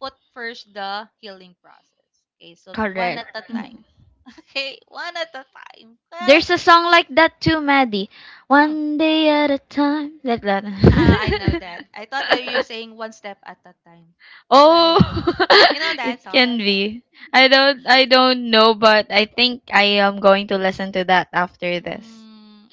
S1: put first the healing process. Okay, so one
S2: Correct.
S1: at a
S2: Mm.
S1: time. *laughs* Okay, one at a time. Okay.
S2: There's a song like that too, Maddie.
S1: Mm,
S2: One day at a time, like that.
S1: ah, I
S2: *laughs*
S1: know that. I thought that you're saying one step at a time.
S2: oh,
S1: By, you know
S2: *laughs*
S1: that
S2: it
S1: song.
S2: can be. I don't know, but I think I am going to listen to that after this.
S1: Mm.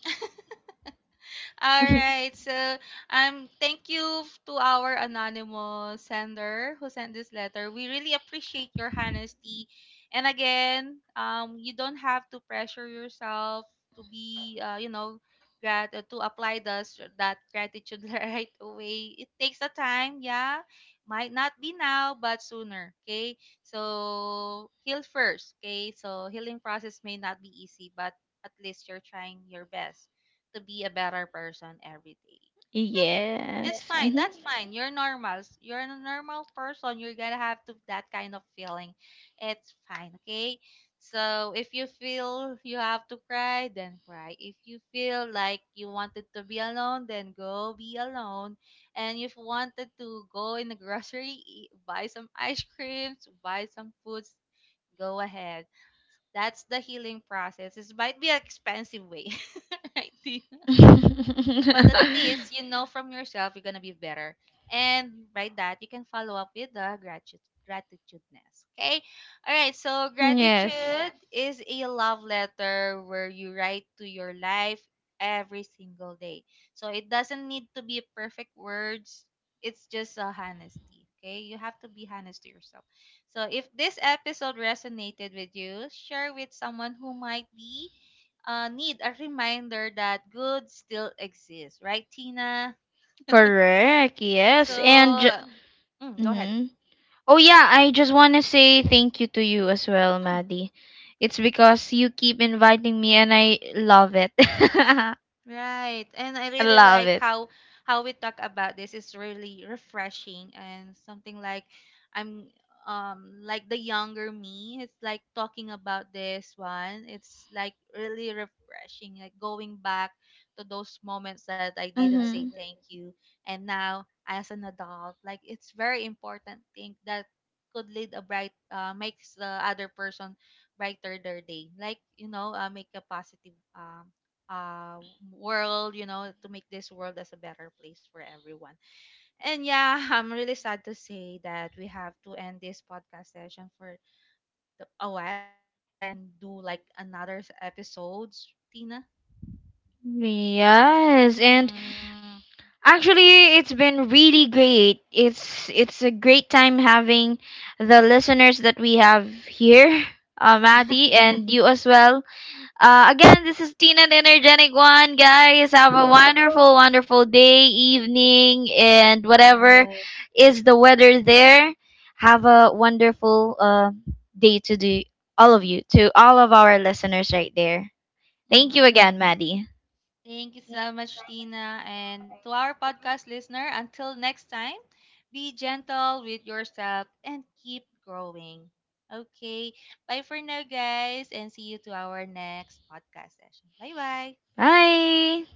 S1: All
S2: *laughs*
S1: right. So, thank you to our anonymous sender who sent this letter. We really appreciate your honesty. And again, you don't have to pressure yourself to be, you know, to apply this that gratitude *laughs* right away. It takes a time. Yeah, might not be now, but sooner. Okay. So heal first. Okay. So healing process may not be easy, but at least you're trying your best to be a better person every day. It's
S2: yes.
S1: fine.
S2: Hmm.
S1: That's fine. You're normal. You're a normal person. You're gonna have to that kind of feeling. It's fine, okay? So if you feel you have to cry, then cry. If you feel like you wanted to be alone, then go be alone. And if you wanted to go in the *laughs* grocery, eat, buy some ice creams, buy some foods, go ahead. That's the healing process. It might be an expensive way, *laughs* right? Dee? But
S2: *laughs*
S1: at least you know from yourself you're gonna be better. And by that you can follow up with the gratitudeness. Okay? Alright, so
S2: yes.
S1: gratitude is a love letter where you write to your life every single day. So it doesn't need to be perfect words. It's just a honesty. Okay, you have to be honest to yourself. So if this episode resonated with you, share with someone who might be need a reminder that good still exists, right, Tina?
S2: Correct.
S1: So,
S2: Yes, and
S1: mm, go ahead.
S2: mm, oh yeah, I just want to say thank you to you as well,
S1: Mm.
S2: Maddie. It's because you keep inviting me and I love it. *laughs* I
S1: Right. And I really
S2: love
S1: like
S2: it.
S1: how we talk about this is really refreshing, and something like I'm like the younger me. It's like talking about this one. It's like really refreshing, like going back to those moments that I didn't say
S2: Mhm.
S1: thank you. And now as an adult, like it's very important thing that could lead a bright, makes the other person brighter their day. Like, you know, make a positive uh world, you know, to make this world as a better place for everyone. And yeah, *laughs* I'm really sad to say that we have to end this podcast session for a while. I think we can do like another episodes, Tina.
S2: Yes, and
S1: Mm.
S2: actually it's been really great. It's a great time having the listeners that we have here, Maddie
S1: *laughs*
S2: and you as well. Again, this is Tina, the energetic one, guys. Have a wonderful, wonderful day, evening, and whatever,
S1: Yes.
S2: yes, is the weather there. Have a wonderful day to do, all of you, to all of our listeners right there. Thank you
S1: Hmm.
S2: again, Maddie.
S1: Thank you
S2: Thank
S1: so
S2: you so
S1: much, Tina.
S2: much.
S1: And to our podcast listener, until next time, be gentle with yourself and keep growing. Okay. Bye for now, guys, and see you to our next podcast session. Bye bye.
S2: Bye.